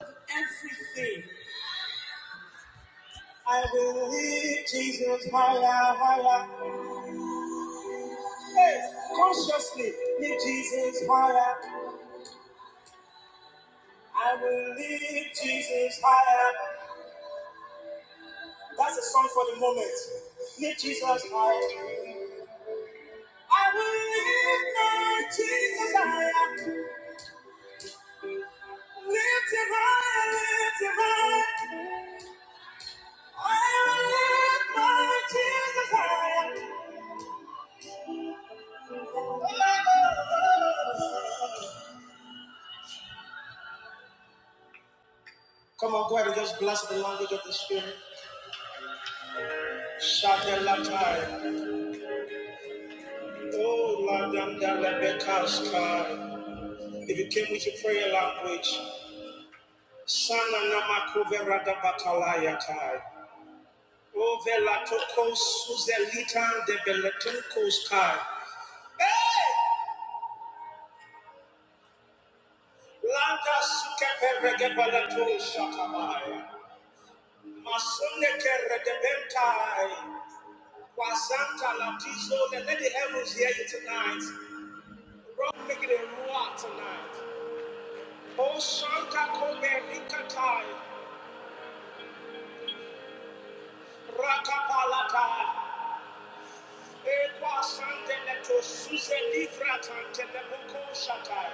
Everything. I believe Jesus higher, higher. Hey, consciously lift Jesus higher. I will lift Jesus higher. That's a song for the moment. Lift Jesus higher. I will lift my Jesus higher. Lift him higher, lift him higher. I will lift my Jesus higher. Come on, go ahead and just bless the language of the Spirit. Shatelatai. Oh, Ladanda lebekaska. If you came with your prayer language, Sana namakuverada batalayatai. Oh, velatokos suzelita de beletunkoskai. Hey! Landa sukeperegebalato shatamai. Masunekeregebentai. Wazanta latizo. Let the heavens hear you tonight. Rock, make it a roar tonight. O Santa Cobernicata, Rakapalata, Equa Sandeleto, Suse Livratan, Telebuco Shatai,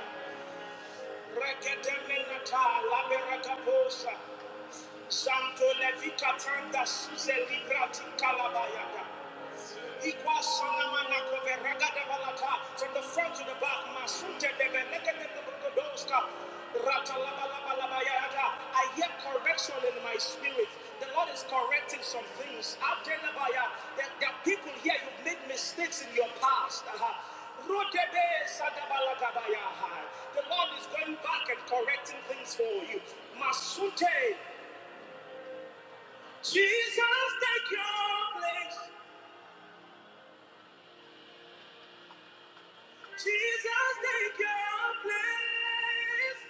Regedemenata, Laberacaposa, Santo Levica Tanda, Suse Livrati Calabayada. From the front to the back, I hear correction in my spirit. The Lord is correcting some things. There are people here, you've made mistakes in your past. The Lord is going back and correcting things for you. Masunte, Jesus, take your place. Jesus, take your place.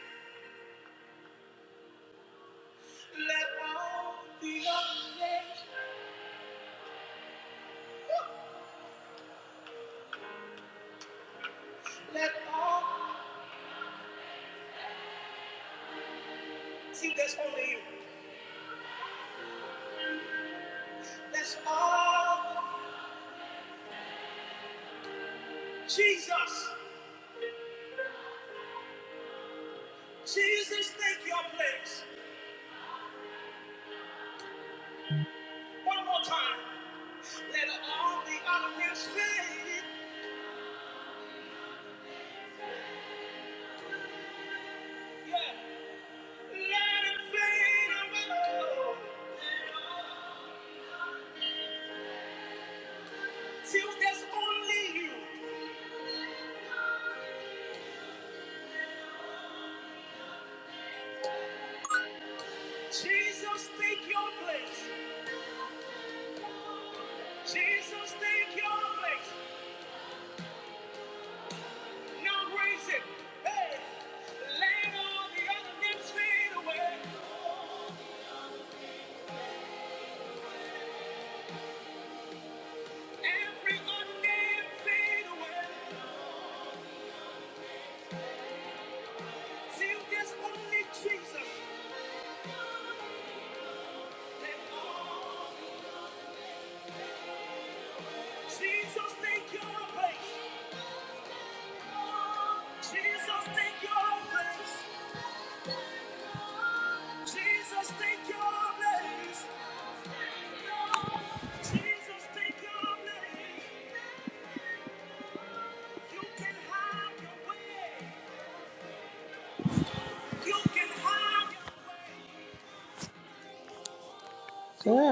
Let all the other names, let all, see, that's only you. That's all. Jesus, Jesus, take your place. One more time. Let all the other names fade. Yeah. Let it fade away. Till there's only you. Jesus, take your place. Jesus, take your place. Hey.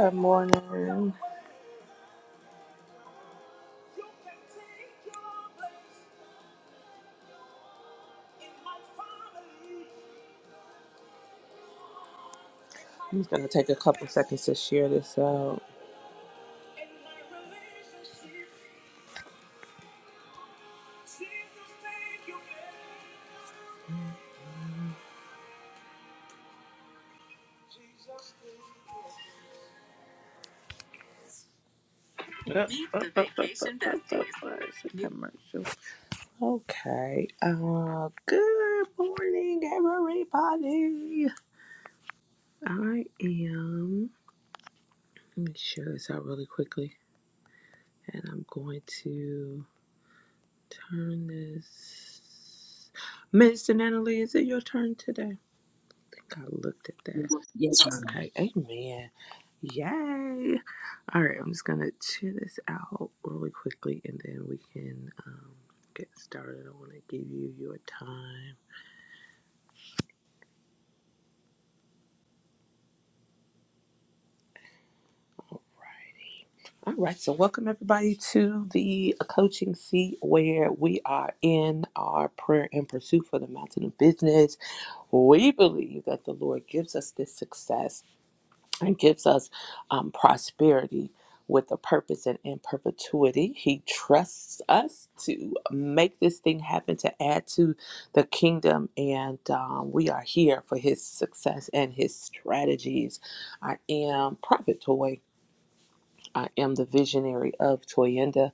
Good morning. I'm just gonna take a couple seconds to share this out. Commercial. Okay. Uh, good morning, everybody. I am. Let me share this out really quickly, and I'm going to. Turn this. Minister Natalie, is it your turn today? I think I looked at that. Yes, yes, ma'am. Okay, amen. Yay. All right, I'm just going to cheer this out really quickly and then we can um, get started. I want to give you your time. All right, so welcome everybody to the coaching seat where we are in our prayer and pursuit for the mountain of business. We believe that the Lord gives us this success and gives us um, prosperity with a purpose and in perpetuity. He trusts us to make this thing happen, to add to the kingdom, and um, we are here for his success and his strategies. I am Prophet Toy I am the visionary of Toyenda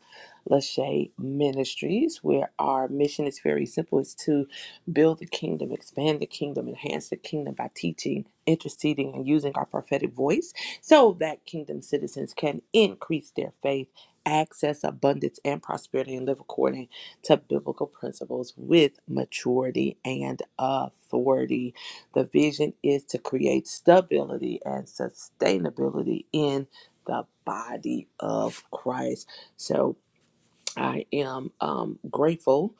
Lachey Ministries, where our mission is very simple. It's to build the kingdom, expand the kingdom, enhance the kingdom by teaching, interceding, and using our prophetic voice so that kingdom citizens can increase their faith, access abundance and prosperity, and live according to biblical principles with maturity and authority. The vision is to create stability and sustainability in the body of Christ. So I am um, grateful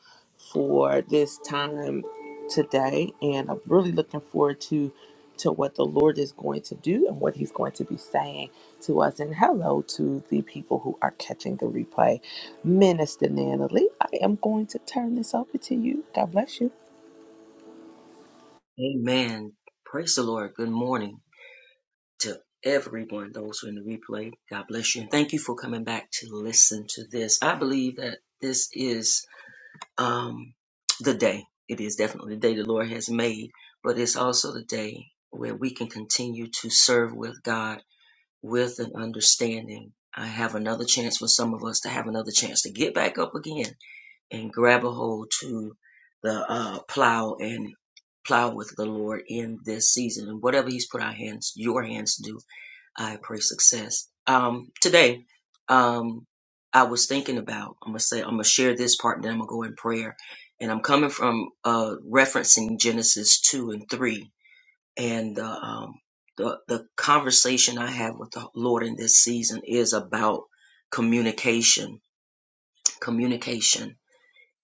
for this time today, and I'm really looking forward to to what the Lord is going to do and what He's going to be saying to us. And hello to the people who are catching the replay. Minister Natalie, I am going to turn this over to you. God bless you. Amen. Praise the Lord. Good morning to everyone, those who are in the replay. God bless you. And thank you for coming back to listen to this. I believe that this is um, the day. It is definitely the day the Lord has made, but it's also the day where we can continue to serve with God with an understanding. I have another chance for some of us to have another chance to get back up again and grab a hold to the uh, plow and plow with the Lord in this season. And whatever He's put our hands, your hands to do, I pray success. Um, today, um, I was thinking about, I'm going to say, I'm going to share this part and then I'm going to go in prayer. And I'm coming from uh, referencing Genesis 2 and 3 and the, um, the, the conversation I have with the Lord in this season is about communication. Communication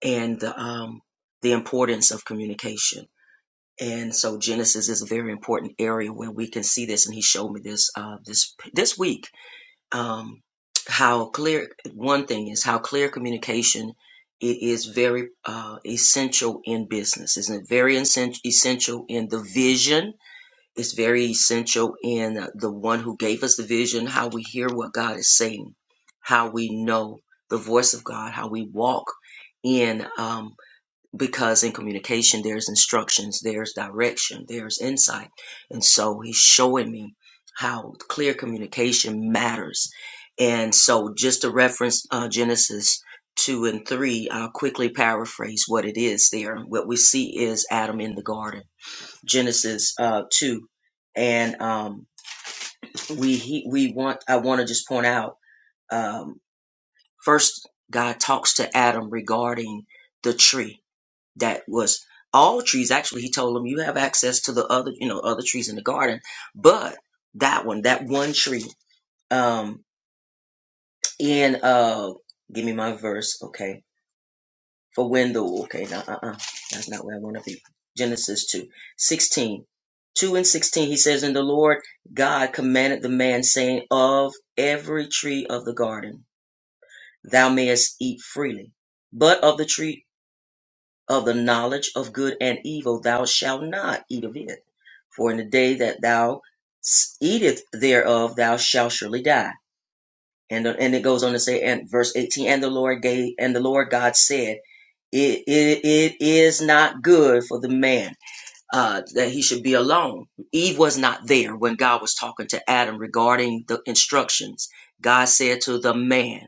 and the, um, the importance of communication. And so Genesis is a very important area where we can see this. And he showed me this uh, this this week. Um, how clear one thing is how clear communication it is very uh, essential in business. It's very essen- essential in the vision. It's very essential in the one who gave us the vision. How we hear what God is saying, how we know the voice of God, how we walk in. um, because in communication there's instructions there's direction there's insight and so he's showing me how clear communication matters and so just to reference uh, genesis 2 and 3 i'll quickly paraphrase what it is there what we see is adam in the garden genesis uh, 2 and um, we he, we want i want to just point out um, first god talks to adam regarding the tree that was all trees. Actually, he told them you have access to the other, you know, other trees in the garden, but that one, that one tree, um, in uh, give me my verse, okay, for when the okay, no, uh, uh, that's not where I want to be. Genesis 2 16, 2 and 16, he says, And the Lord God commanded the man, saying, Of every tree of the garden thou mayest eat freely, but of the tree of the knowledge of good and evil thou shalt not eat of it. For in the day that thou s- eateth thereof thou shalt surely die. And uh, and it goes on to say and verse 18 and the Lord gave and the Lord God said it, it, it is not good for the man uh, that he should be alone. Eve was not there when God was talking to Adam regarding the instructions. God said to the man.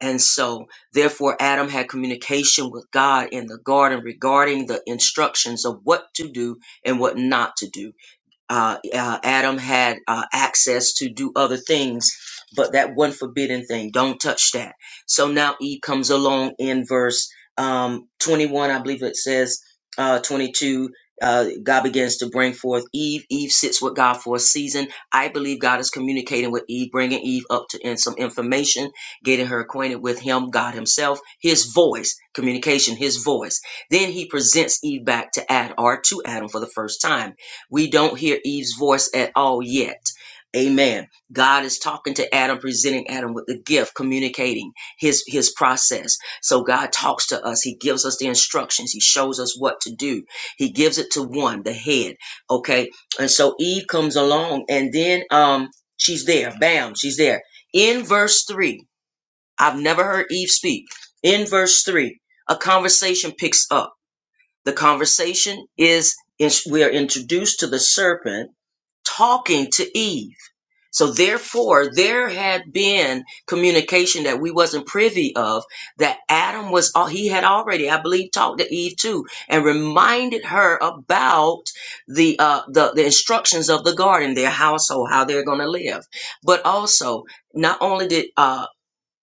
And so, therefore, Adam had communication with God in the garden regarding the instructions of what to do and what not to do uh, uh, Adam had uh, access to do other things, but that one forbidden thing, don't touch that. So now Eve comes along in verse um, 21, I believe it says uh, 22. Uh, God begins to bring forth Eve. Eve sits with God for a season. I believe God is communicating with Eve, bringing Eve up to in some information, getting her acquainted with Him, God Himself, His voice, communication, His voice. Then He presents Eve back to Adam, or to Adam for the first time. We don't hear Eve's voice at all yet. Amen. God is talking to Adam, presenting Adam with the gift, communicating his his process. So God talks to us. He gives us the instructions. He shows us what to do. He gives it to one, the head. Okay. And so Eve comes along and then um she's there. Bam, she's there. In verse 3, I've never heard Eve speak. In verse 3, a conversation picks up. The conversation is is- we are introduced to the serpent talking to Eve. So therefore, there had been communication that we wasn't privy of that Adam was, he had already, I believe, talked to Eve too and reminded her about the, uh, the, the instructions of the garden, their household, how they're going to live. But also, not only did, uh,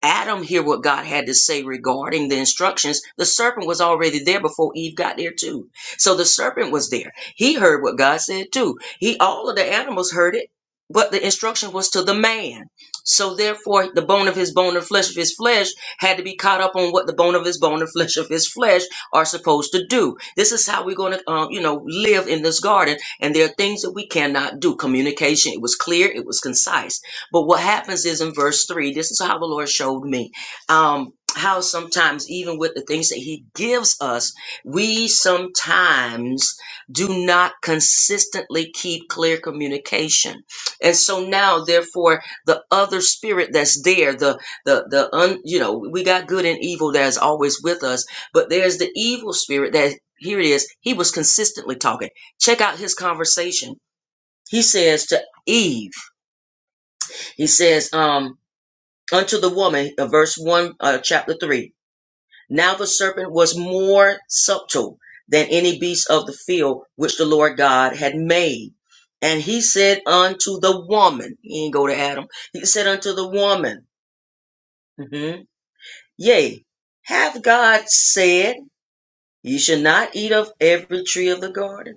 Adam hear what God had to say regarding the instructions. The serpent was already there before Eve got there too. So the serpent was there. He heard what God said too. He all of the animals heard it, but the instruction was to the man. So therefore the bone of his bone and flesh of his flesh had to be caught up on what the bone of his bone and flesh of his flesh are supposed to do. This is how we're going to um, you know live in this garden and there are things that we cannot do. Communication, it was clear, it was concise but what happens is in verse three, this is how the Lord showed me um, how sometimes, even with the things that He gives us, we sometimes do not consistently keep clear communication. And so now, therefore, the other spirit that's there, the the the un, you know, we got good and evil that is always with us, but there's the evil spirit that here it is. He was consistently talking. Check out his conversation. He says to Eve, he says, um, unto the woman, uh, verse 1, uh, chapter 3. Now the serpent was more subtle than any beast of the field which the Lord God had made. And he said unto the woman, he ain't go to Adam, he said unto the woman, mhm, Yea, hath God said, Ye shall not eat of every tree of the garden?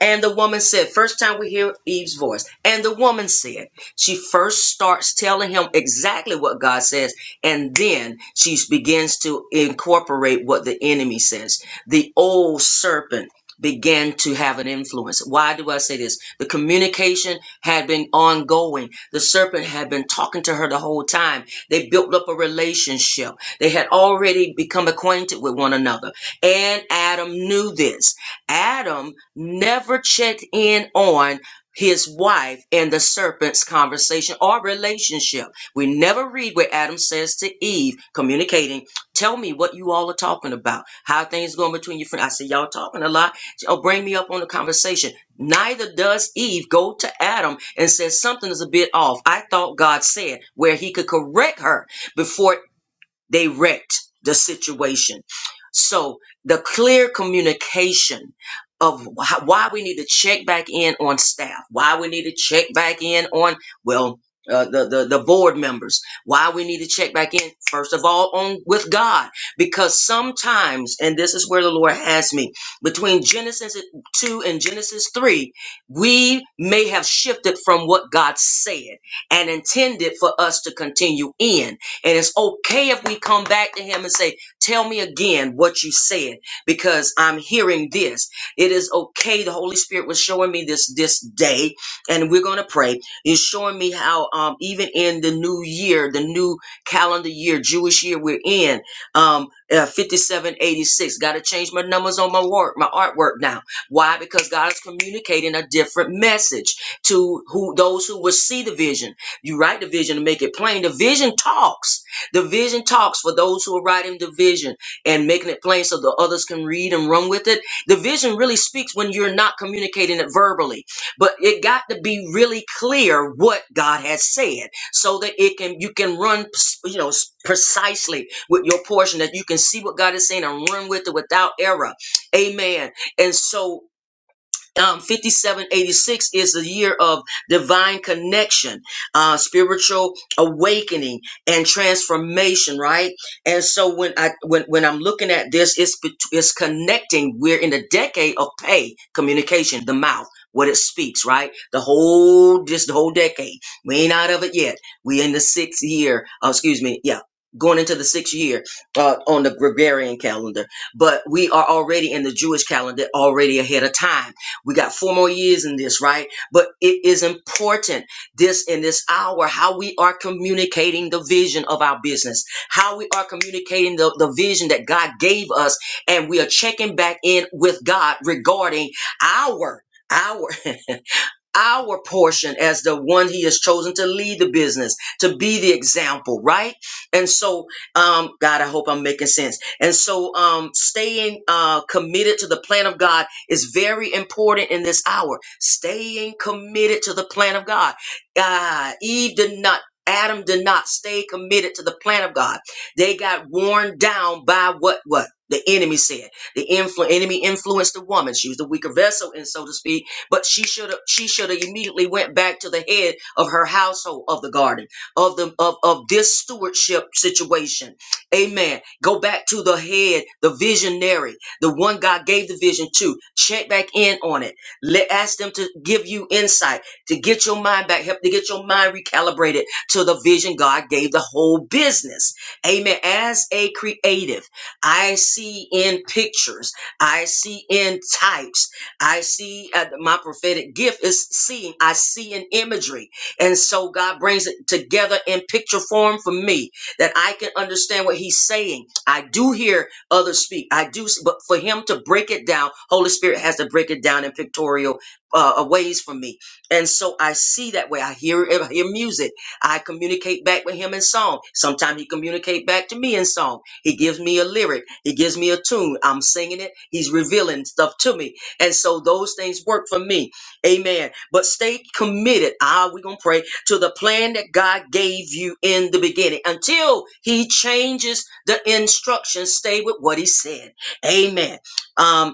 And the woman said, first time we hear Eve's voice. And the woman said, she first starts telling him exactly what God says, and then she begins to incorporate what the enemy says. The old serpent began to have an influence. Why do I say this? The communication had been ongoing. The serpent had been talking to her the whole time. They built up a relationship. They had already become acquainted with one another. And Adam knew this. Adam never checked in on his wife and the serpent's conversation or relationship. We never read what Adam says to Eve, communicating, tell me what you all are talking about. How are things going between your friends? I said, y'all talking a lot. Oh, bring me up on the conversation. Neither does Eve go to Adam and says something is a bit off. I thought God said where he could correct her before they wrecked the situation. So the clear communication of wh- why we need to check back in on staff, why we need to check back in on well uh, the, the the board members, why we need to check back in first of all on with God because sometimes and this is where the Lord has me between Genesis two and Genesis three, we may have shifted from what God said and intended for us to continue in. And it's okay if we come back to him and say, Tell me again what you said, because I'm hearing this. It is okay. The Holy Spirit was showing me this this day, and we're gonna pray. He's showing me how um even in the new year, the new calendar year, Jewish year we're in, um uh, 5786. Gotta change my numbers on my work, my artwork now. Why? Because God is communicating a different message to who those who will see the vision you write the vision and make it plain. The vision talks. The vision talks for those who are writing the vision and making it plain so the others can read and run with it. The vision really speaks when you're not communicating it verbally, but it got to be really clear what God has said so that it can you can run you know precisely with your portion that you can see what God is saying and run with it without error. Amen. And so um, 5786 is the year of divine connection, uh, spiritual awakening and transformation, right? And so when I when when I'm looking at this, it's bet- it's connecting. We're in the decade of pay communication, the mouth, what it speaks, right? The whole just the whole decade. We ain't out of it yet. We in the sixth year. Uh, excuse me. Yeah. Going into the sixth year uh, on the Gregorian calendar, but we are already in the Jewish calendar, already ahead of time we got four more years in this, right? But it is important this in this hour how we are communicating the vision of our business, how we are communicating the, the vision that God gave us, and we are checking back in with God regarding our. Our our portion as the one he has chosen to lead the business, to be the example, right? And so, um, God, I hope I'm making sense. And so, um, staying uh, committed to the plan of God is very important in this hour. Staying committed to the plan of God. Uh, Eve did not. Adam did not stay committed to the plan of God. They got worn down by what what the enemy said. The influ- enemy influenced the woman. She was the weaker vessel, and so to speak but she should have she should have immediately went back to the head of her household of the garden of the of, of this stewardship situation. Amen. Go back to the head, the visionary, the one God gave the vision to. Check back in on it. Let ask them to give you insight, to get your mind back, help to get your mind recalibrated to the vision God gave the whole business. Amen. As a creative, I see in pictures, I see in types. I see uh, my prophetic gift is seeing. I see an imagery. And so God brings it together in picture form for me that I can understand what he's saying. I do hear others speak. I do, s- but for him to break it down, Holy Spirit has to break it down in pictorial uh, uh, ways for me. And so I see that way. I hear, I hear music. I communicate back with him in song. Sometimes he communicate back to me in song. He gives me a lyric. He gives me a tune. I'm singing it. He's revealing stuff to me and so those things work for me. Amen. But stay committed. Ah, we're going to pray to the plan that God gave you in the beginning until he changes the instructions. Stay with what he said. Amen. Um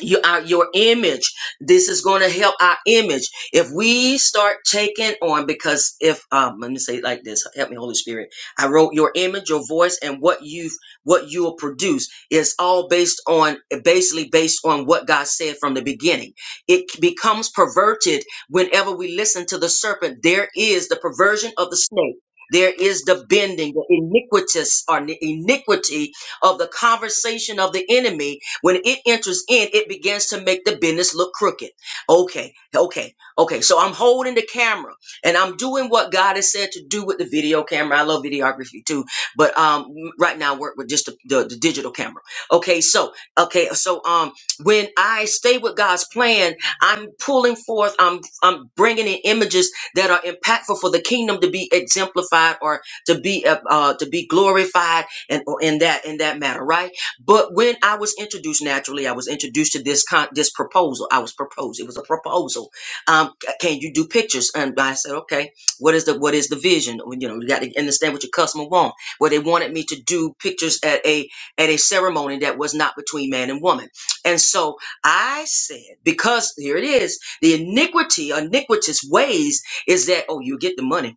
you our your image this is going to help our image if we start taking on because if um let me say it like this help me holy spirit i wrote your image your voice and what you've what you'll produce is all based on basically based on what god said from the beginning it becomes perverted whenever we listen to the serpent there is the perversion of the snake there is the bending, the iniquitous or the iniquity of the conversation of the enemy when it enters in, it begins to make the business look crooked. Okay, okay, okay. So I'm holding the camera and I'm doing what God has said to do with the video camera. I love videography too, but um, right now I work with just the, the, the digital camera. Okay, so okay, so um, when I stay with God's plan, I'm pulling forth. I'm I'm bringing in images that are impactful for the kingdom to be exemplified or to be uh, uh to be glorified and or in that in that matter, right? But when I was introduced, naturally, I was introduced to this con- this proposal. I was proposed. It was a proposal. Um, c- can you do pictures? And I said, okay. What is the what is the vision? Well, You know, you got to understand what your customer want. Well, they wanted me to do pictures at a at a ceremony that was not between man and woman. And so I said, because here it is, the iniquity, iniquitous ways is that oh, you get the money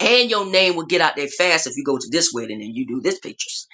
and your name will get out there fast if you go to this wedding and you do this pictures.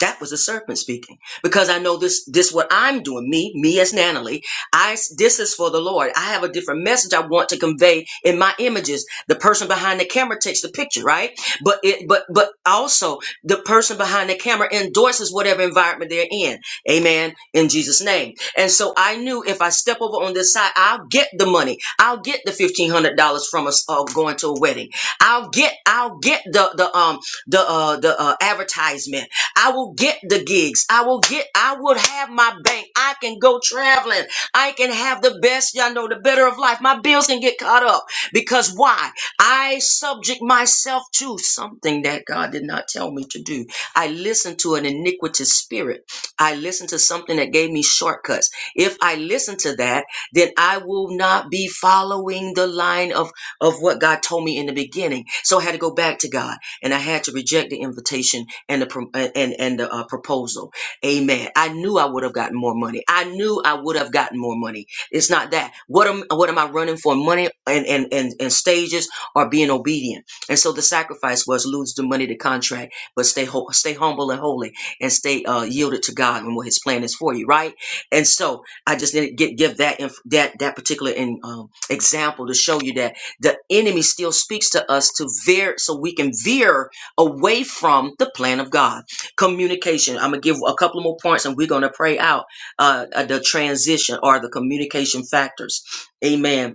That was the serpent speaking. Because I know this, this what I'm doing, me, me as Natalie. I, this is for the Lord. I have a different message I want to convey in my images. The person behind the camera takes the picture, right? But it, but, but also the person behind the camera endorses whatever environment they're in. Amen. In Jesus name. And so I knew if I step over on this side, I'll get the money. I'll get the $1,500 from us uh, going to a wedding. I'll get, I'll get the, the, um, the, uh, the, uh, advertisement. I will get the gigs. I will get, I will have my bank. I can go traveling. I can have the best, y'all know, the better of life. My bills can get caught up. Because why? I subject myself to something that God did not tell me to do. I listened to an iniquitous spirit. I listened to something that gave me shortcuts. If I listen to that, then I will not be following the line of, of what God told me in the beginning. So I had to go back to God and I had to reject the invitation and the pro- and and the uh, proposal. Amen. I knew I would have gotten more money. I knew I would have gotten more money. It's not that. What am what am I running for? Money and and and, and stages or being obedient. And so the sacrifice was lose the money, the contract, but stay ho- stay humble and holy, and stay uh, yielded to God and what His plan is for you. Right. And so I just did not get give that inf- that that particular in, um, example to show you that the enemy still speaks to us to veer, so we can veer away from the plan of God. Communication. I'm gonna give a couple more points, and we're gonna pray out uh, uh, the transition or the communication factors. Amen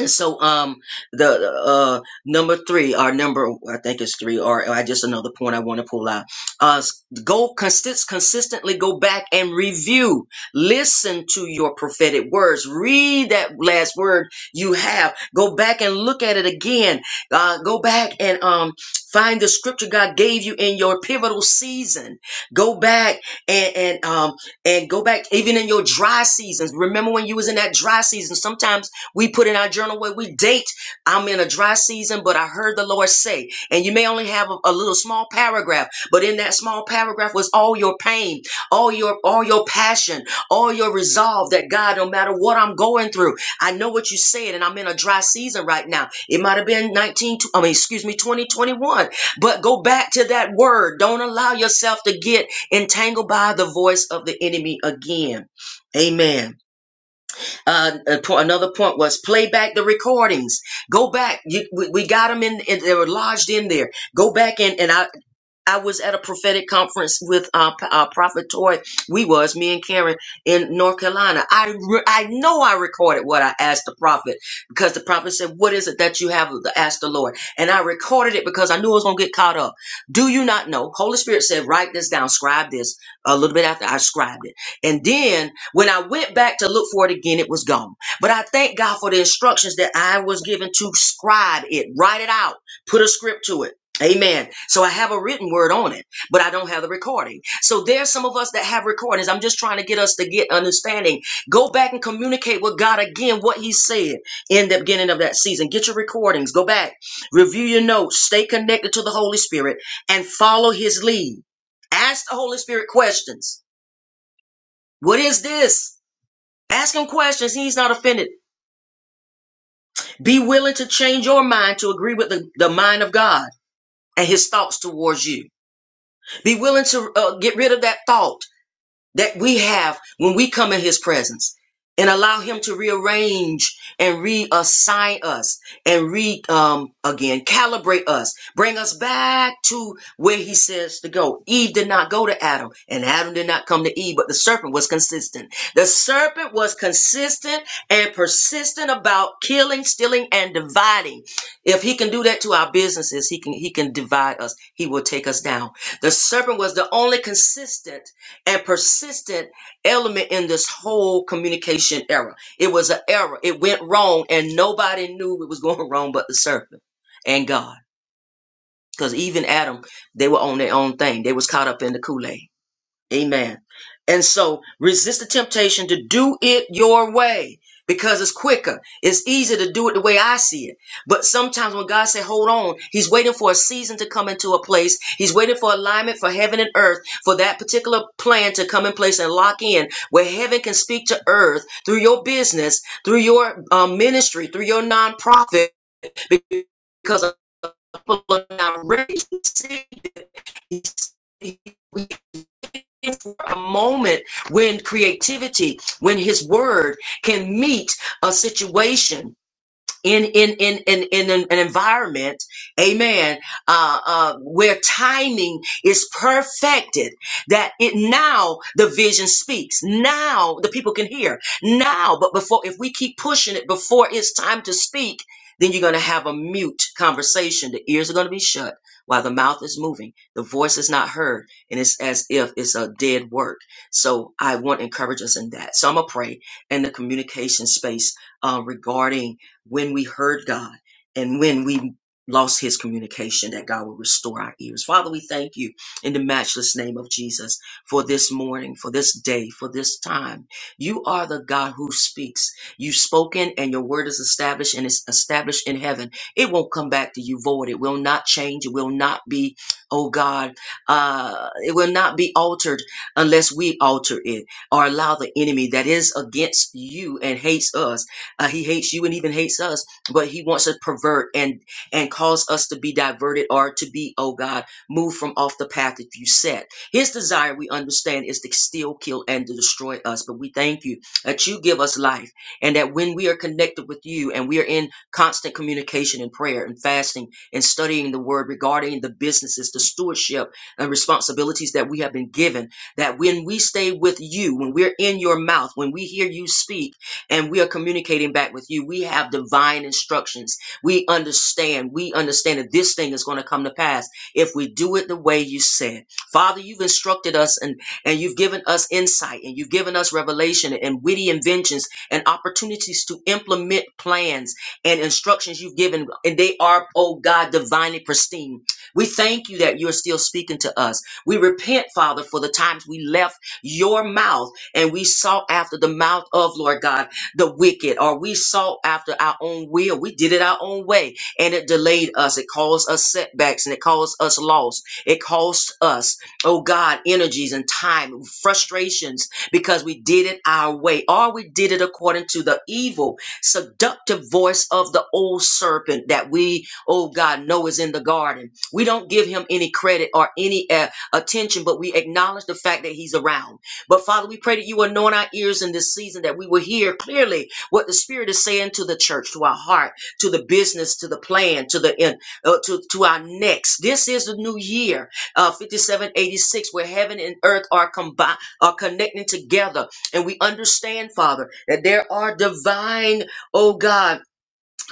and so um the uh number three or number I think it's three or I just another point I want to pull out. Uh go consist consistently go back and review. Listen to your prophetic words. Read that last word you have. Go back and look at it again. Uh go back and um find the scripture God gave you in your pivotal season. Go back and and um and go back even in your dry seasons. Remember when you was in that dry season, sometimes we put in our journal where we date. I'm in a dry season, but I heard the Lord say, and you may only have a, a little small paragraph, but in that small paragraph was all your pain, all your all your passion, all your resolve that God, no matter what I'm going through, I know what you said, and I'm in a dry season right now. It might have been 19, tw- I mean, excuse me, 2021, but go back to that word. Don't allow yourself to get entangled by the voice of the enemy again. Amen. Uh, another point was play back the recordings. Go back. You, we, we got them in, in. They were lodged in there. Go back and and I I was at a prophetic conference with uh, P- uh, Prophet Toy. We was me and Karen in North Carolina. I re- I know I recorded what I asked the prophet because the prophet said, "What is it that you have to ask the Lord?" And I recorded it because I knew I was gonna get caught up. Do you not know? Holy Spirit said, "Write this down, scribe this." A little bit after I scribed it, and then when I went back to look for it again, it was gone. But I thank God for the instructions that I was given to scribe it, write it out, put a script to it. Amen. So I have a written word on it, but I don't have the recording. So there's some of us that have recordings. I'm just trying to get us to get understanding. Go back and communicate with God again what He said in the beginning of that season. Get your recordings. Go back, review your notes, stay connected to the Holy Spirit, and follow His lead. Ask the Holy Spirit questions. What is this? Ask Him questions. He's not offended. Be willing to change your mind to agree with the, the mind of God and His thoughts towards you. Be willing to uh, get rid of that thought that we have when we come in his presence and allow him to rearrange and reassign us and re um again calibrate us bring us back to where he says to go eve did not go to adam and adam did not come to eve but the serpent was consistent the serpent was consistent and persistent about killing stealing and dividing if he can do that to our businesses he can he can divide us he will take us down the serpent was the only consistent and persistent element in this whole communication era. It was an error. It went wrong, and nobody knew it was going wrong but the serpent and God. Because even Adam, they were on their own thing. They was caught up in the Kool Aid. Amen. And so resist the temptation to do it your way because it's quicker. It's easier to do it the way I see it. But sometimes when God said, hold on, he's waiting for a season to come into a place. He's waiting for alignment for heaven and earth, for that particular plan to come in place and lock in where heaven can speak to earth through your business, through your um, ministry, through your nonprofit, because people are not ready to see for a moment when creativity, when his word can meet a situation in in in in, in an, an environment amen uh, uh where timing is perfected that it now the vision speaks now the people can hear now but before if we keep pushing it before it's time to speak then you're going to have a mute conversation the ears are going to be shut while the mouth is moving the voice is not heard and it's as if it's a dead work so i want to encourage us in that so i'm going to pray in the communication space uh, regarding when we heard God and when we lost his communication that God will restore our ears. Father, we thank you in the matchless name of Jesus for this morning, for this day, for this time. You are the God who speaks. You've spoken and your word is established and it's established in heaven. It won't come back to you void. It will not change. It will not be, oh God, uh, it will not be altered unless we alter it or allow the enemy that is against you and hates us uh, he hates you and even hates us, but he wants to pervert and and cause us to be diverted or to be, oh God, moved from off the path that you set. His desire, we understand, is to steal, kill, and to destroy us. But we thank you that you give us life, and that when we are connected with you and we are in constant communication and prayer and fasting and studying the word regarding the businesses, the stewardship, and responsibilities that we have been given, that when we stay with you, when we're in your mouth, when we hear you speak, and we are communicating back with you. We have divine instructions. We understand. We understand that this thing is going to come to pass if we do it the way you said. Father, you've instructed us and, and you've given us insight and you've given us revelation and witty inventions and opportunities to implement plans and instructions you've given. And they are, oh God, divinely pristine. We thank you that you're still speaking to us. We repent, Father, for the times we left your mouth and we sought after the mouth of Lord God the wicked, or we sought after our own will. We did it our own way, and it delayed us. It caused us setbacks, and it caused us loss. It cost us, oh God, energies and time, frustrations, because we did it our way, or we did it according to the evil, seductive voice of the old serpent that we, oh God, know is in the garden. We don't give him any credit or any uh, attention, but we acknowledge the fact that he's around. But Father, we pray that you anoint our ears in this season that we will hear clearly what the Spirit is saying to the church, to our heart, to the business, to the plan, to the end, uh, to, to our next. This is the new year, uh, 5786, where heaven and earth are combined, are connecting together. And we understand, Father, that there are divine, oh God,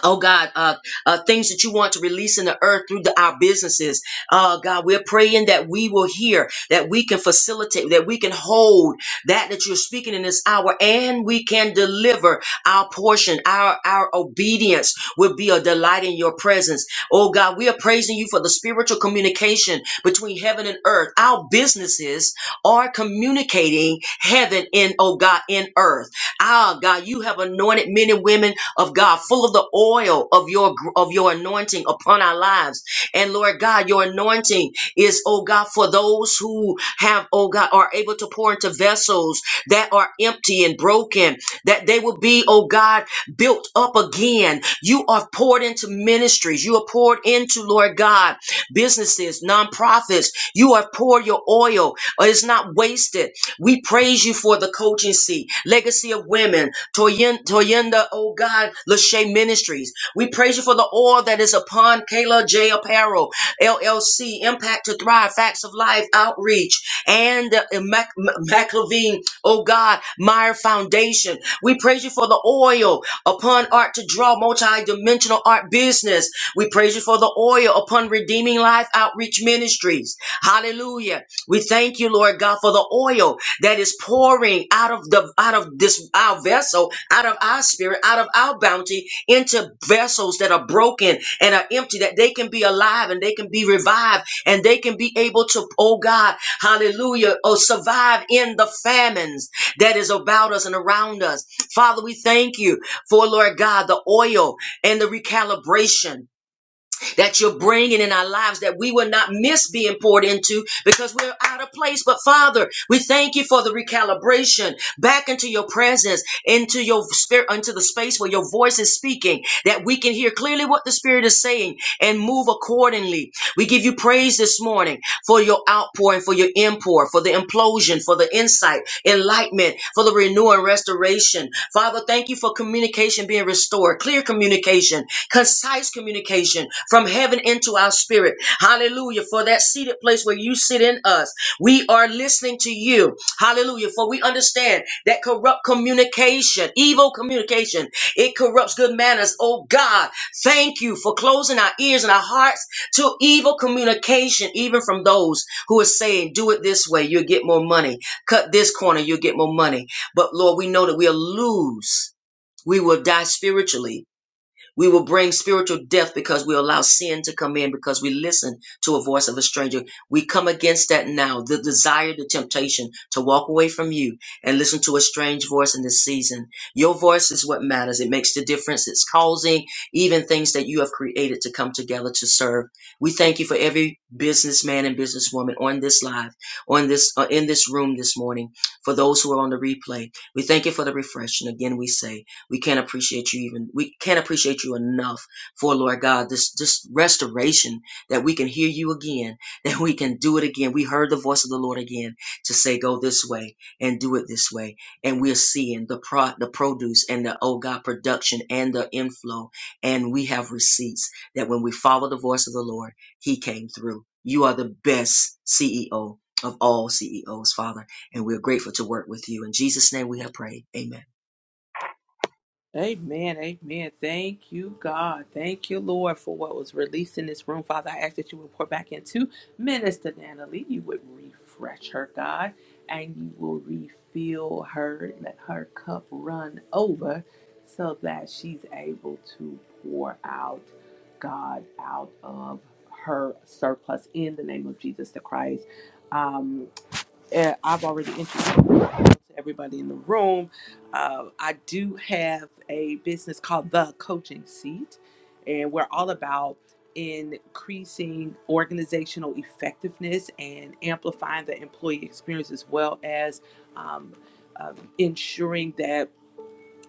Oh God, uh, uh, things that you want to release in the earth through the, our businesses. Uh, God, we're praying that we will hear, that we can facilitate, that we can hold that that you're speaking in this hour, and we can deliver our portion. Our our obedience will be a delight in your presence. Oh God, we are praising you for the spiritual communication between heaven and earth. Our businesses are communicating heaven in oh God in earth. Ah God, you have anointed men and women of God, full of the oil of your of your anointing upon our lives. And Lord God, your anointing is, oh God, for those who have, oh God, are able to pour into vessels that are empty and broken, that they will be, oh God, built up again. You are poured into ministries. You are poured into, Lord God, businesses, nonprofits. You have poured your oil. It's not wasted. We praise you for the coaching seat, legacy of women. Toyin- Toyinda, oh God, Lachey Ministries. We praise you for the oil that is upon Kayla J. Apparel, LLC, Impact to Thrive, Facts of Life, Outreach, and uh, Mac- Mac Levine, oh God, Meyer Foundation. We praise you for the oil upon Art to Draw, multi-dimensional art business. We praise you for the oil upon Redeeming Life Outreach Ministries. Hallelujah. We thank you, Lord God, for the oil that is pouring out of the out of this our vessel, out of our spirit, out of our bounty into vessels that are broken and are empty, that they can be alive and they can be revived and they can be able to, oh God, hallelujah, oh survive in the famines that is about us and around us. Father, we thank you for Lord God, the oil and the recalibration that you're bringing in our lives that we will not miss being poured into because we're out of place. But Father, we thank you for the recalibration back into your presence, into your spirit, into the space where your voice is speaking, that we can hear clearly what the Spirit is saying and move accordingly. We give you praise this morning for your outpouring, for your import, for the implosion, for the insight, enlightenment, for the renewal and restoration. Father, thank you for communication being restored, clear communication concise communication from heaven into our spirit. Hallelujah. For that seated place where you sit in us, we are listening to you. Hallelujah. For we understand that corrupt communication, evil communication, it corrupts good manners. Oh God, thank you for closing our ears and our hearts to evil communication, even from those who are saying, do it this way, you'll get more money. Cut this corner, you'll get more money. But Lord, we know that we'll lose. We will die spiritually we will bring spiritual death because we allow sin to come in because we listen to a voice of a stranger. We come against that now, the desire, the temptation to walk away from you and listen to a strange voice in this season. Your voice is what matters. It makes the difference. It's causing even things that you have created to come together to serve. We thank you for every businessman and businesswoman on this live, on this uh, in this room this morning, for those who are on the replay. We thank you for the refreshing. Again, we say we can't appreciate you even we can't appreciate you enough for Lord God this this restoration that we can hear you again, that we can do it again. We heard the voice of the Lord again to say go this way and do it this way. And we're seeing the pro the produce and the oh God production and the inflow and we have receipts that when we follow the voice of the Lord, he came through. You are the best CEO of all CEOs, Father, and we're grateful to work with you. In Jesus' name we have prayed. Amen. Amen. Amen. Thank you, God. Thank you, Lord, for what was released in this room. Father, I ask that you would pour back into Minister Natalie. You would refresh her, God, and you will refill her, let her cup run over so that she's able to pour out, God, out of her surplus in the name of Jesus the Christ. Um uh, I've already introduced everybody in the room. Uh, I do have a business called The Coaching Seat, and we're all about increasing organizational effectiveness and amplifying the employee experience as well as um, um, ensuring that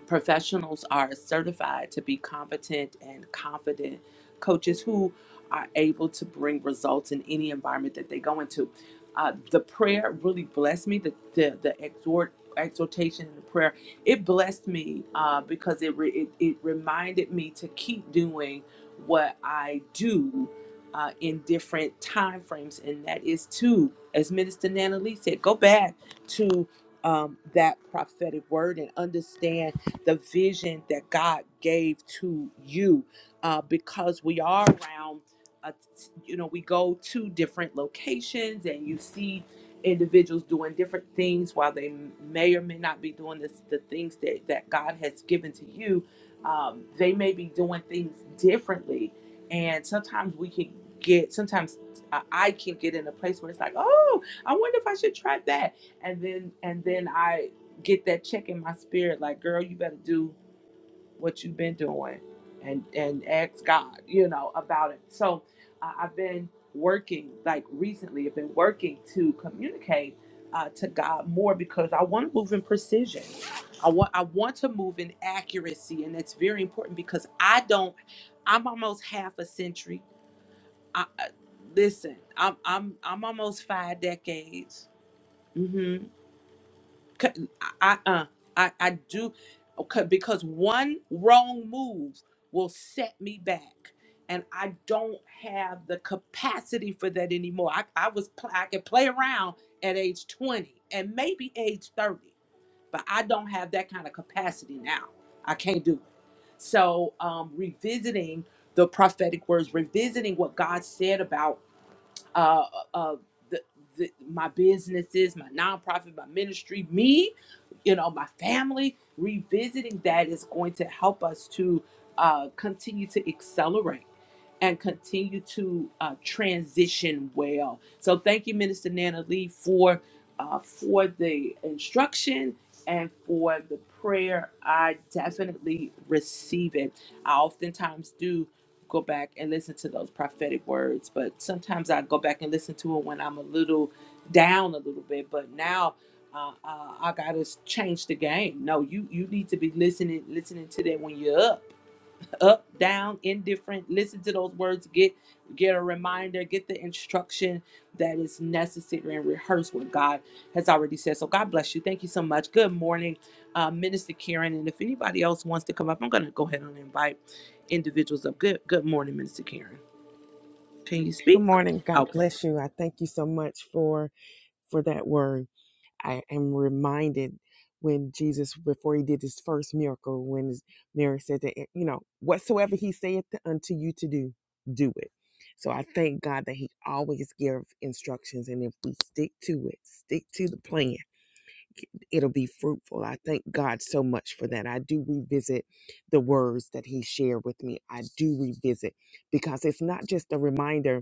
Professionals are certified to be competent and confident coaches who are able to bring results in any environment that they go into. Uh, the prayer really blessed me. The the, the exhort exhortation and the prayer it blessed me uh, because it, re- it it reminded me to keep doing what I do uh, in different time frames, and that is to, as Minister Nana Lee said, go back to um, that prophetic word and understand the vision that God gave to you uh, because we are around, uh, you know, we go to different locations and you see individuals doing different things while they may or may not be doing this, the things that, that God has given to you. Um, they may be doing things differently. And sometimes we can get, sometimes I I can get in a place where it's like, oh, I wonder if I should try that. And then, and then I get that check in my spirit like girl you better do what you've been doing and and ask god you know about it so I i've been working like recently i've been working to communicate uh, to god more because i want to move in precision i want i want to move in accuracy and that's very important because i don't i'm almost half a century i, I listen i'm i'm i'm almost five decades Mm-hmm. C- I uh I I do okay because one wrong move will set me back and I don't have the capacity for that anymore. I, I was pl- I could play around at age 20 and maybe age 30, but I don't have that kind of capacity now. I can't do it. So um revisiting the prophetic words, revisiting what God said about uh, uh, the, the, my businesses, my nonprofit, my ministry, me, you know, my family. Revisiting that is going to help us to uh, continue to accelerate and continue to uh, transition well. So thank you, Minister Nana Lee, for uh, for the instruction and for the prayer. I definitely receive it. I oftentimes do go back and listen to those prophetic words. But sometimes I go back and listen to it when I'm a little down a little bit. But now uh, uh, I gotta change the game. No, you you need to be listening listening to that when you're up up, down, indifferent. Listen to those words. Get get a reminder. Get the instruction that is necessary and rehearse what God has already said. So God bless you. Thank you so much. Good morning, uh, Minister Karen. And if anybody else wants to come up, I'm going to go ahead and invite individuals up. Good good morning, Minister Karen. Can you Good speak? morning. God Okay. bless you. I thank you so much for for that word. I am reminded when Jesus, before he did his first miracle, when his- Mary said that, "Eh, you know, whatsoever he saith unto you to do, do it. So I thank God that he always gives instructions. And if we stick to it, stick to the plan, it'll be fruitful. I thank God so much for that. I do revisit the words that he shared with me. I do revisit because it's not just a reminder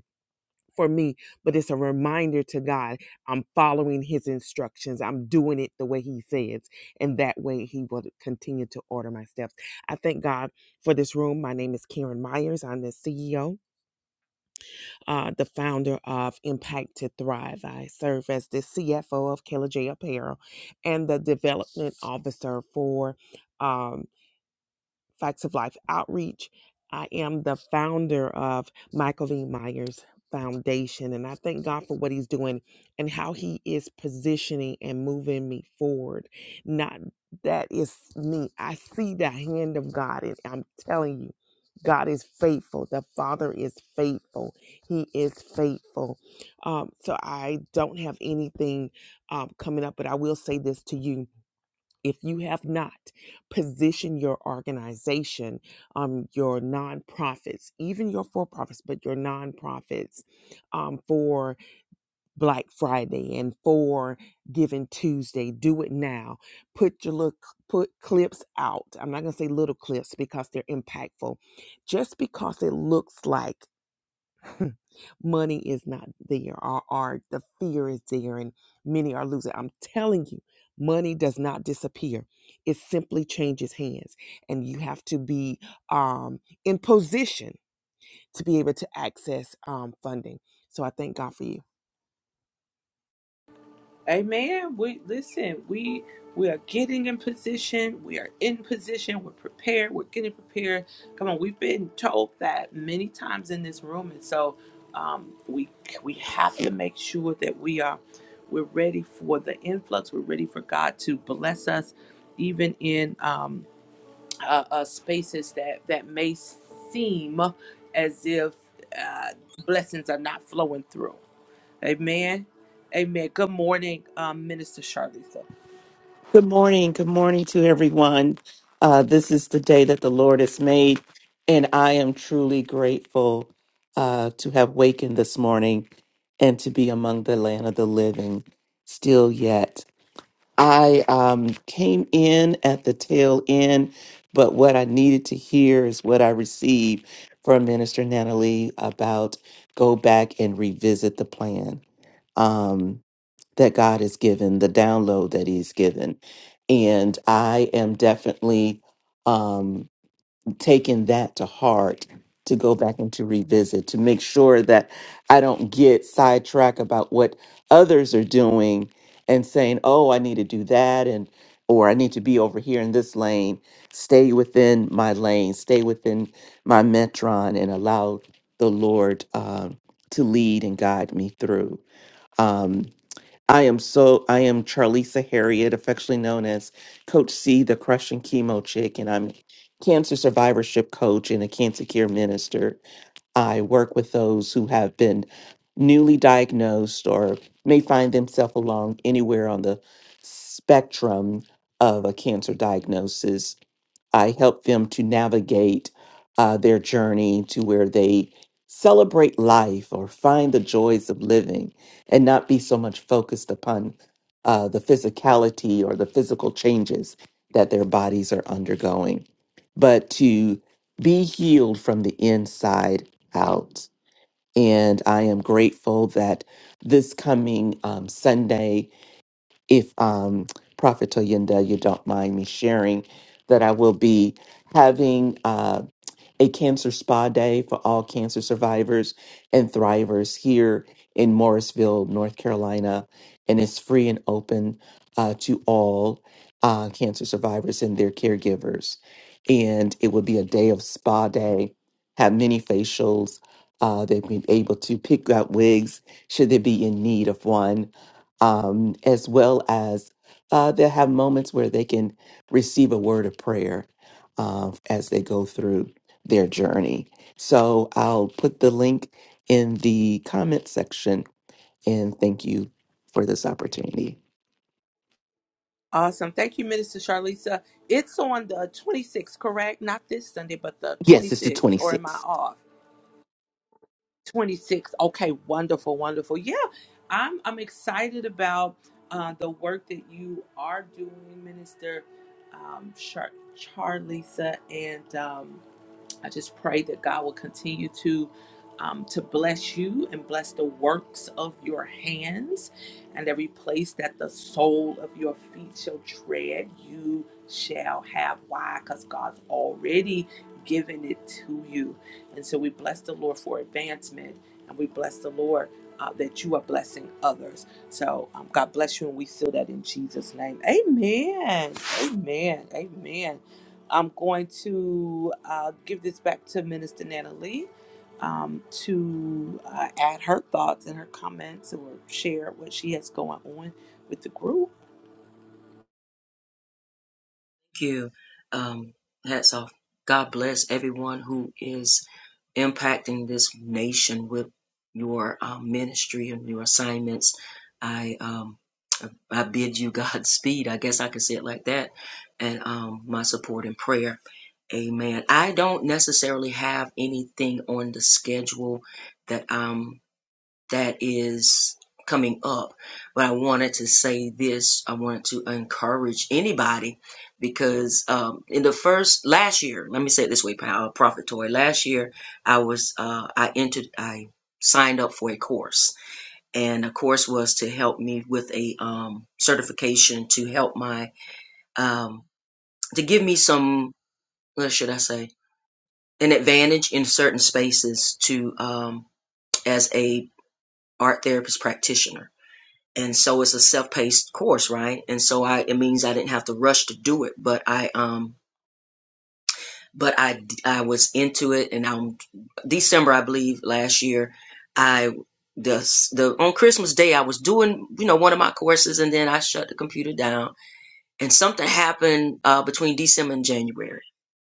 for me, but it's a reminder to God I'm following His instructions. I'm doing it the way He says. And that way He will continue to order my steps. I thank God for this room. My name is Karen Myers. I'm the CEO, uh, the founder of Impact to Thrive. I serve as the CFO of Killer J Apparel and the development officer for. um, Facts of Life Outreach. I am the founder of Michael V. Myers Foundation, and I thank God for what He's doing and how He is positioning and moving me forward. Not that is me. I see the hand of God, and I'm telling you, God is faithful. The Father is faithful. He is faithful. Um, so I don't have anything um, coming up, but I will say this to you if you have not, position your organization, um, your nonprofits, even your for profits, but your nonprofits um, for Black Friday and for Giving Tuesday. Do it now. Put your look, put clips out. I'm not going to say little clips because they're impactful. Just because it looks like money is not there or, or the fear is there and many are losing i'm telling you money does not disappear it simply changes hands and you have to be um, in position to be able to access um, funding so i thank god for you Amen. We listen, we we are getting in position, we are in position, we're prepared, we're getting prepared. Come on, we've been told that many times in this room, and so um, we we have to make sure that we are we're ready for the influx, we're ready for God to bless us, even in um, uh, uh, spaces that that may seem as if uh, blessings are not flowing through. Amen. Amen. Good morning, um, Minister Charlisa. Good morning. Good morning to everyone. Uh, this is the day that the Lord has made, and I am truly grateful uh, to have wakened this morning and to be among the land of the living still yet. I um, came in at the tail end, but what I needed to hear is what I received from Minister Natalie about go back and revisit the plan. Um, that God has given, the download that He's given. And I am definitely um, taking that to heart to go back and to revisit to make sure that I don't get sidetracked about what others are doing and saying, oh, I need to do that and or I need to be over here in this lane, stay within my lane, stay within my metron and allow the Lord um, to lead and guide me through. Um, I am so I am Charlisa Harriet, affectionately known as Coach C, the crushing chemo chick, and I'm cancer survivorship coach and a cancer care minister. I work with those who have been newly diagnosed or may find themselves along anywhere on the spectrum of a cancer diagnosis I help them to navigate uh, their journey to where they celebrate life or find the joys of living and not be so much focused upon uh, the physicality or the physical changes that their bodies are undergoing, but to be healed from the inside out. And I am grateful that this coming um, Sunday, if um, Prophet Toyinda, you don't mind me sharing, that I will be having. uh, a cancer spa day for all cancer survivors and thrivers here in Morrisville, North Carolina. And it's free and open uh, to all uh, cancer survivors and their caregivers. And it will be a day of spa day, have many facials. Uh, they've been able to pick out wigs should they be in need of one, um, as well as uh, they'll have moments where they can receive a word of prayer uh, as they go through their journey. So I'll put the link in the comment section and thank you for this opportunity. Awesome. Thank you, Minister Charlisa. It's on the 26th, correct? Not this Sunday, but the Yes, it's the 26th, or am I 26th. off? 26th. Okay, wonderful, wonderful. Yeah, I'm I'm excited about uh, the work that you are doing, Minister um, Char- Charlisa, and um, I just pray that God will continue to um, to bless you and bless the works of your hands, and every place that the sole of your feet shall tread, you shall have. Why? Because God's already given it to you, and so we bless the Lord for advancement, and we bless the Lord. Uh, that you are blessing others. So um, God bless you, and we seal that in Jesus' name. Amen. Amen. Amen. I'm going to uh, give this back to Minister Nana Lee um, to uh, add her thoughts and her comments or share what she has going on with the group. you. Um, hats off. God bless everyone who is impacting this nation with your um, ministry and your assignments. I um, I bid you Godspeed. I guess I can say it like that. And um, my support and prayer. Amen. I don't necessarily have anything on the schedule that I'm that is coming up. But I wanted to say this. I wanted to encourage anybody because um, in the first last year, let me say it this way, Power Prophet Toy. Last year, I was uh, I entered I signed up for a course, and the course was to help me with a um, certification to help my um, to give me some what should I say an advantage in certain spaces to um, as a art therapist practitioner and so it's a self-paced course right and so i it means i didn't have to rush to do it but i um but i i was into it and i'm december i believe last year i the the on christmas day i was doing you know one of my courses and then i shut the computer down and something happened uh between december and january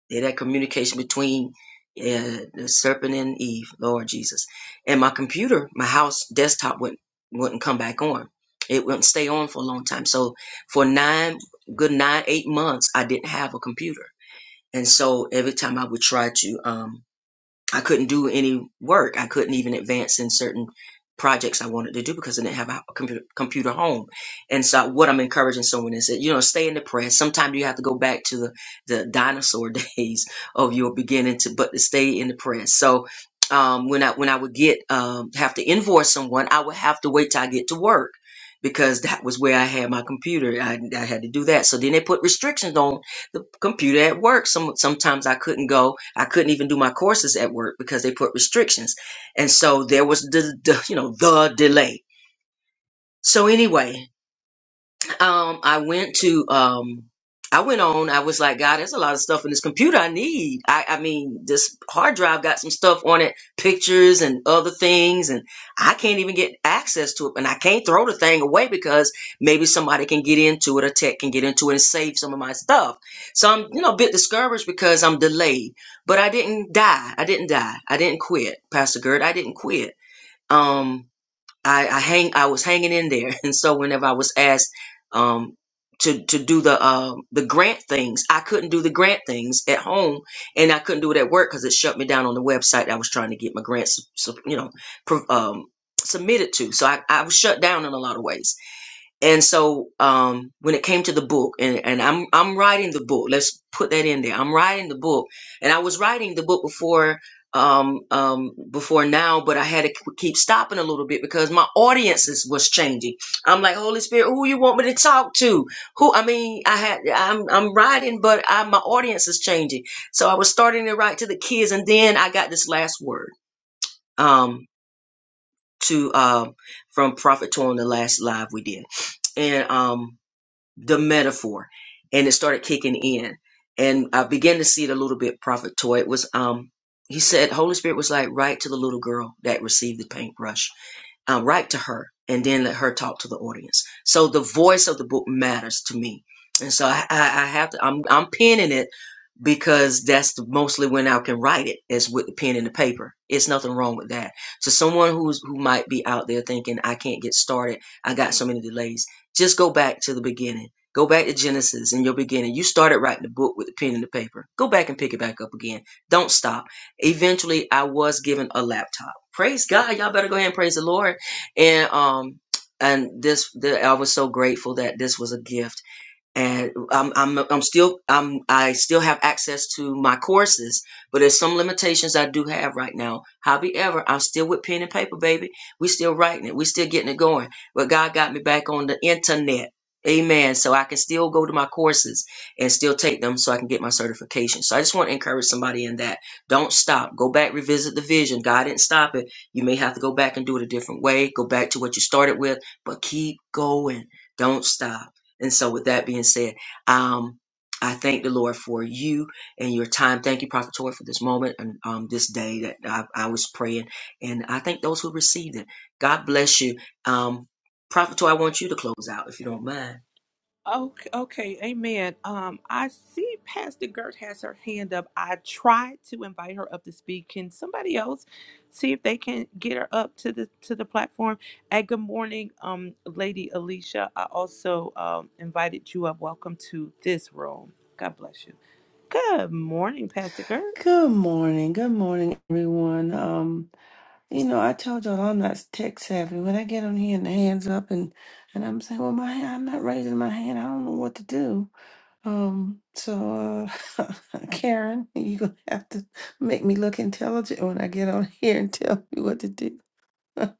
they that communication between uh, the serpent and Eve, Lord Jesus. And my computer, my house desktop wouldn't wouldn't come back on. It wouldn't stay on for a long time. So for nine, good nine, eight months, I didn't have a computer. And so every time I would try to, um. I couldn't do any work. I couldn't even advance in certain projects I wanted to do because I didn't have a computer, computer home. And so what I'm encouraging someone is that, you know, stay in the press. Sometimes you have to go back to the, the dinosaur days of your beginning to, but to stay in the press. So, um, when I, when I would get, um, have to invoice someone, I would have to wait till I get to work because that was where I had my computer. I, I had to do that. So then they put restrictions on the computer at work. Some sometimes I couldn't go. I couldn't even do my courses at work because they put restrictions, and so there was the, the you know the delay. So anyway, um i went to um i went on i was like god there's a lot of stuff in this computer i need i i mean this hard drive got some stuff on it pictures and other things and i can't even get access to it and i can't throw the thing away because maybe somebody can get into it or tech can get into it and save some of my stuff so i'm you know a bit discouraged because i'm delayed but i didn't die i didn't die i didn't quit pastor gert i didn't quit Um, I, I hang I was hanging in there, and so whenever I was asked um, to to do the uh, the grant things, I couldn't do the grant things at home, and I couldn't do it at work because it shut me down on the website I was trying to get my grants, so, you know, pro- um, submitted to. So I, I was shut down in a lot of ways. And so um, when it came to the book, and, and I'm I'm writing the book. Let's put that in there. I'm writing the book, and I was writing the book before um, um, before now, but I had to keep stopping a little bit because my audiences was changing. I'm like Holy Spirit, who you want me to talk to? Who I mean, I had I'm I'm writing, but I, my audience is changing. So I was starting to write to the kids, and then I got this last word um, to uh, from Prophet Torn the last live we did, and um the metaphor and it started kicking in and i began to see it a little bit prophet toy it was um he said holy spirit was like write to the little girl that received the paintbrush um, write to her and then let her talk to the audience so the voice of the book matters to me and so i, I, I have to I'm, I'm penning it because that's the, mostly when I can write it is with the pen and the paper. It's nothing wrong with that. So someone who's who might be out there thinking I can't get started, I got so many delays. Just go back to the beginning. Go back to Genesis in your beginning. You started writing the book with the pen and the paper. Go back and pick it back up again. Don't stop. Eventually, I was given a laptop. Praise God. Y'all better go ahead and praise the Lord. And um, and this, the, I was so grateful that this was a gift and I'm I'm I'm still I'm I still have access to my courses, but there's some limitations I do have right now. However, I'm still with pen and paper, baby. We still writing it. We still getting it going. But God got me back on the internet. Amen. So I can still go to my courses and still take them so I can get my certification. So I just want to encourage somebody in that. Don't stop. Go back, revisit the vision. God didn't stop it. You may have to go back and do it a different way. Go back to what you started with, but keep going. Don't stop. And so, with that being said, um, I thank the Lord for you and your time. Thank you, Prophet Toy, for this moment and um, this day that I, I was praying. And I thank those who received it. God bless you. Um, Prophet Toy, I want you to close out if you don't mind. Okay, okay, amen. Um, I see Pastor Gert has her hand up. I tried to invite her up to speak. Can somebody else see if they can get her up to the to the platform? And good morning, um, Lady Alicia. I also um invited you up. Welcome to this room. God bless you. Good morning, Pastor Gert. Good morning. Good morning, everyone. Um, you know, I told y'all I'm not tech savvy. When I get on here and the hands up and and I'm saying, well, my hand- I'm not raising my hand. I don't know what to do. Um, so uh, Karen, you gonna have to make me look intelligent when I get on here and tell me what to do.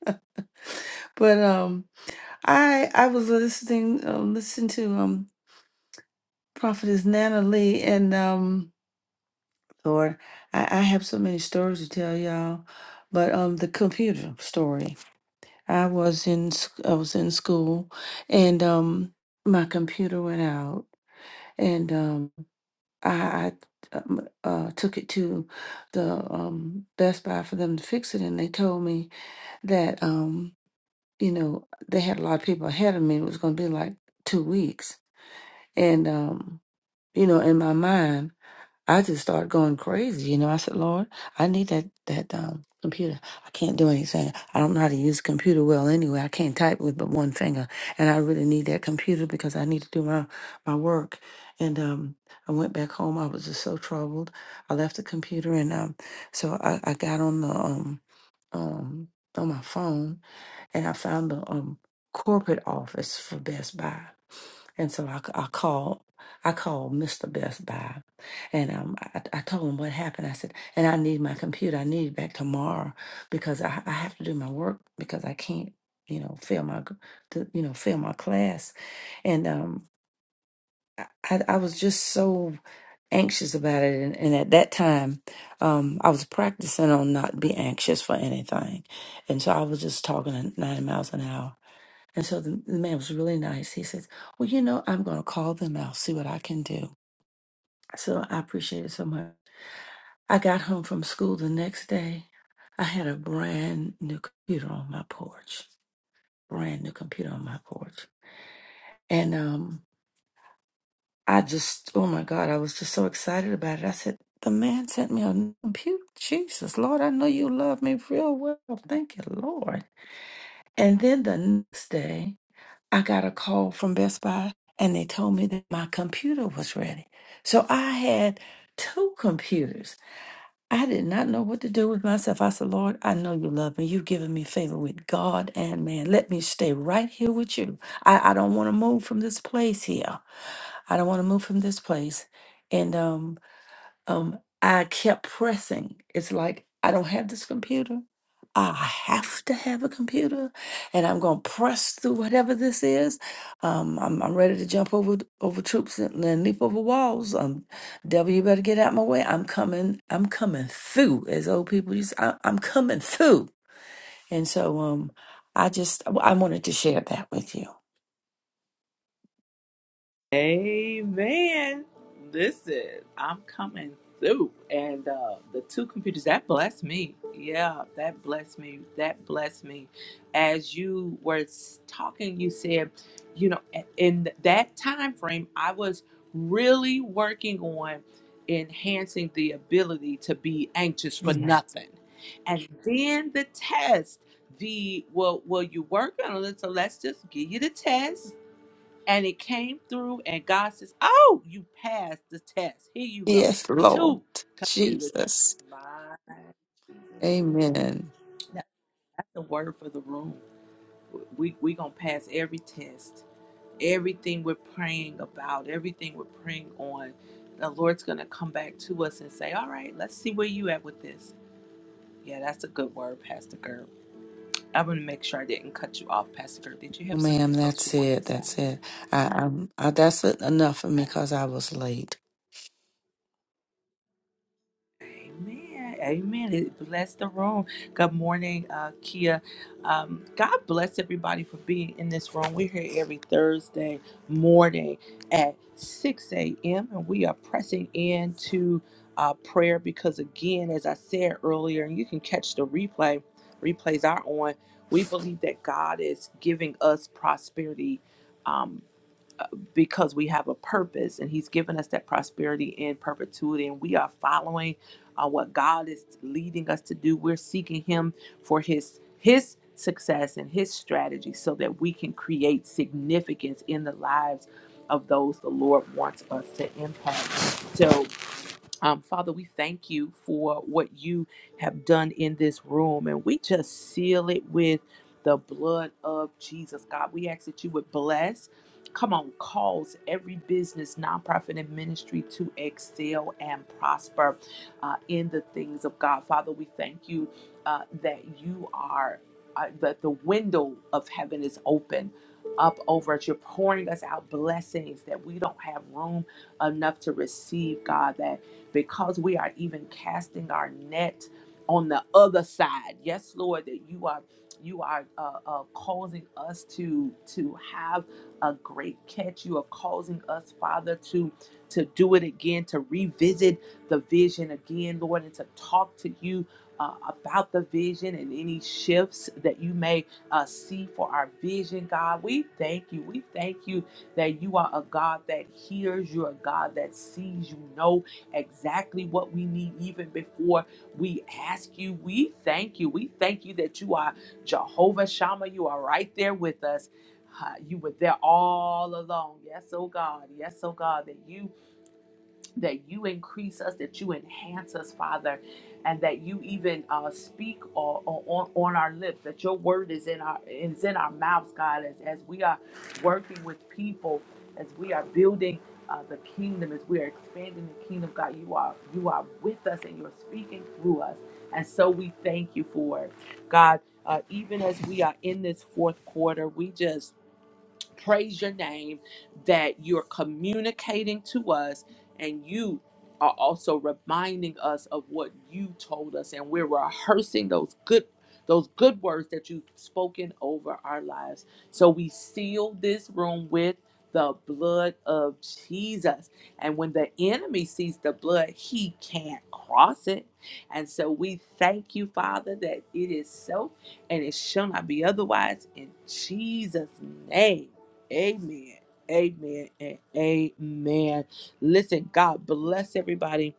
But um, I I was listening um listening to um Prophetess Nana Lee and um. Lord, I, I have so many stories to tell y'all, but um, the computer story. I was in sc- I was in school, and um, my computer went out, and um, I, I um, uh, took it to the um, Best Buy for them to fix it, and they told me that um, you know, they had a lot of people ahead of me. It was going to be like two weeks, and um, you know, in my mind. I just started going crazy. You know, I said, Lord, I need that that um computer. I can't do anything. I don't know how to use a computer well anyway. I can't type with but one finger, and I really need that computer because I need to do my my work. And um, I went back home. I was just so troubled. I left the computer, and um, so I, I got on the um um on my phone and I found the um corporate office for Best Buy. And so I I called, I called Mr. Best Buy, and um, I, I told him what happened. I said, and I need my computer. I need it back tomorrow because I, I have to do my work because I can't, you know, fail my, g- to, you know, fail my class. And um, I, I was just so anxious about it. And, and at that time, um, I was practicing on not be anxious for anything. And so I was just talking at 90 miles an hour. And so the, the man was really nice. He says, Well, you know, I'm going to call them out, see what I can do. So I appreciate it so much. I got home from school the next day. I had a brand new computer on my porch, brand new computer on my porch. And um, I just, oh my God, I was just so excited about it. I said, the man sent me a new computer. Jesus, Lord, I know you love me real well. Thank you, Lord. And then the next day, I got a call from Best Buy and they told me that my computer was ready. So I had two computers. I did not know what to do with myself. I said, Lord, I know you love me. You've given me favor with God and man. Let me stay right here with you. I, I don't want to move from this place here. I don't want to move from this place. And um, um, I kept pressing. It's like, I don't have this computer. I have to have a computer, and I'm going to press through whatever this is. Um, I'm, I'm ready to jump over over troops and, and leap over walls. Um, devil, you better get out my way. I'm coming. I'm coming through, as old people use. I, I'm coming through. And so, um, I just I wanted to share that with you. Amen. Listen, I'm coming through. And uh, the two computers, that blessed me. Yeah, that blessed me. That blessed me. As you were s- talking, you said, you know, a- in that time frame, I was really working on enhancing the ability to be anxious for nothing. And then the test, the well, well, you work on it, so let's just give you the test and it came through and god says oh you passed the test here you go Yes, Lord two computers Jesus. my Jesus. Mm. Amen. that- that's the word for the room we we gonna pass every test everything we're praying about everything we're praying on the lord's gonna come back to us and say all right let's see where you at with this yeah that's a good word pastor Gerb. i'm gonna make sure i didn't cut you off pastor Gerb. did you Oh, have Ma'am, something else you that's wanted to it. say That's it. I, I'm, I, that's it, enough for me because I was late. Amen. Amen. It bless the room. Good morning, uh, Kia. Um, God bless everybody for being in this room. We're here every Thursday morning at 6 a.m. and we are pressing into uh, prayer because, again, as I said earlier, and you can catch the replay, replays are on. We believe that God is giving us prosperity. Um, because we have a purpose and he's given us that prosperity in perpetuity and we are following uh, what god is leading us to do we're seeking him for his his success and his strategy so that we can create significance in the lives of those the lord wants us to impact so um, Father, we thank you for what you have done in this room, and we just seal it with the blood of Jesus. God, we ask that you would bless. Come on, cause every business, nonprofit, and ministry to excel and prosper uh, in the things of God. Father, we thank you uh, that you are, uh, that the window of heaven is open up over us. You're pouring us out blessings that we don't have room enough to receive, God, that because we are even casting our net on the other side. Yes, Lord, that you are you are uh, uh, causing us to to have a great catch. You are causing us, Father, to to do it again, to revisit the vision again, Lord, and to talk to you uh, about the vision and any shifts that you may uh, see for our vision, God. We thank you. We thank you that you are a God that hears, you're a God that sees, you know, exactly what we need even before we ask you. We thank you. We thank you that you are Jehovah Shammah. You are right there with us. Uh, you were there all along. Yes, oh God. Yes, oh God, that you that you increase us, that you enhance us, Father, and that you even uh, speak or, or, on, on our lips, that your word is in our is in our mouths, God, as, as we are working with people, as we are building uh, the kingdom, as we are expanding the kingdom, God, you are you are with us and you're speaking through us. And so we thank you for it. God, uh, even as we are in this fourth quarter, we just praise your name that you're communicating to us and you are also reminding us of what you told us and we're rehearsing those good those good words that you've spoken over our lives. So we seal this room with the blood of Jesus. And when the enemy sees the blood, he can't cross it. And so we thank you, Father, that it is so and it shall not be otherwise in Jesus' name. Amen. Amen and amen. Listen, God bless everybody.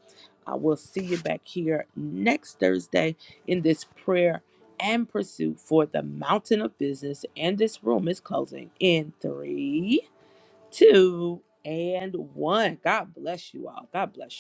I will see you back here next Thursday in this prayer and pursuit for the mountain of business. And this room is closing in three, two, and one. God bless you all. God bless you.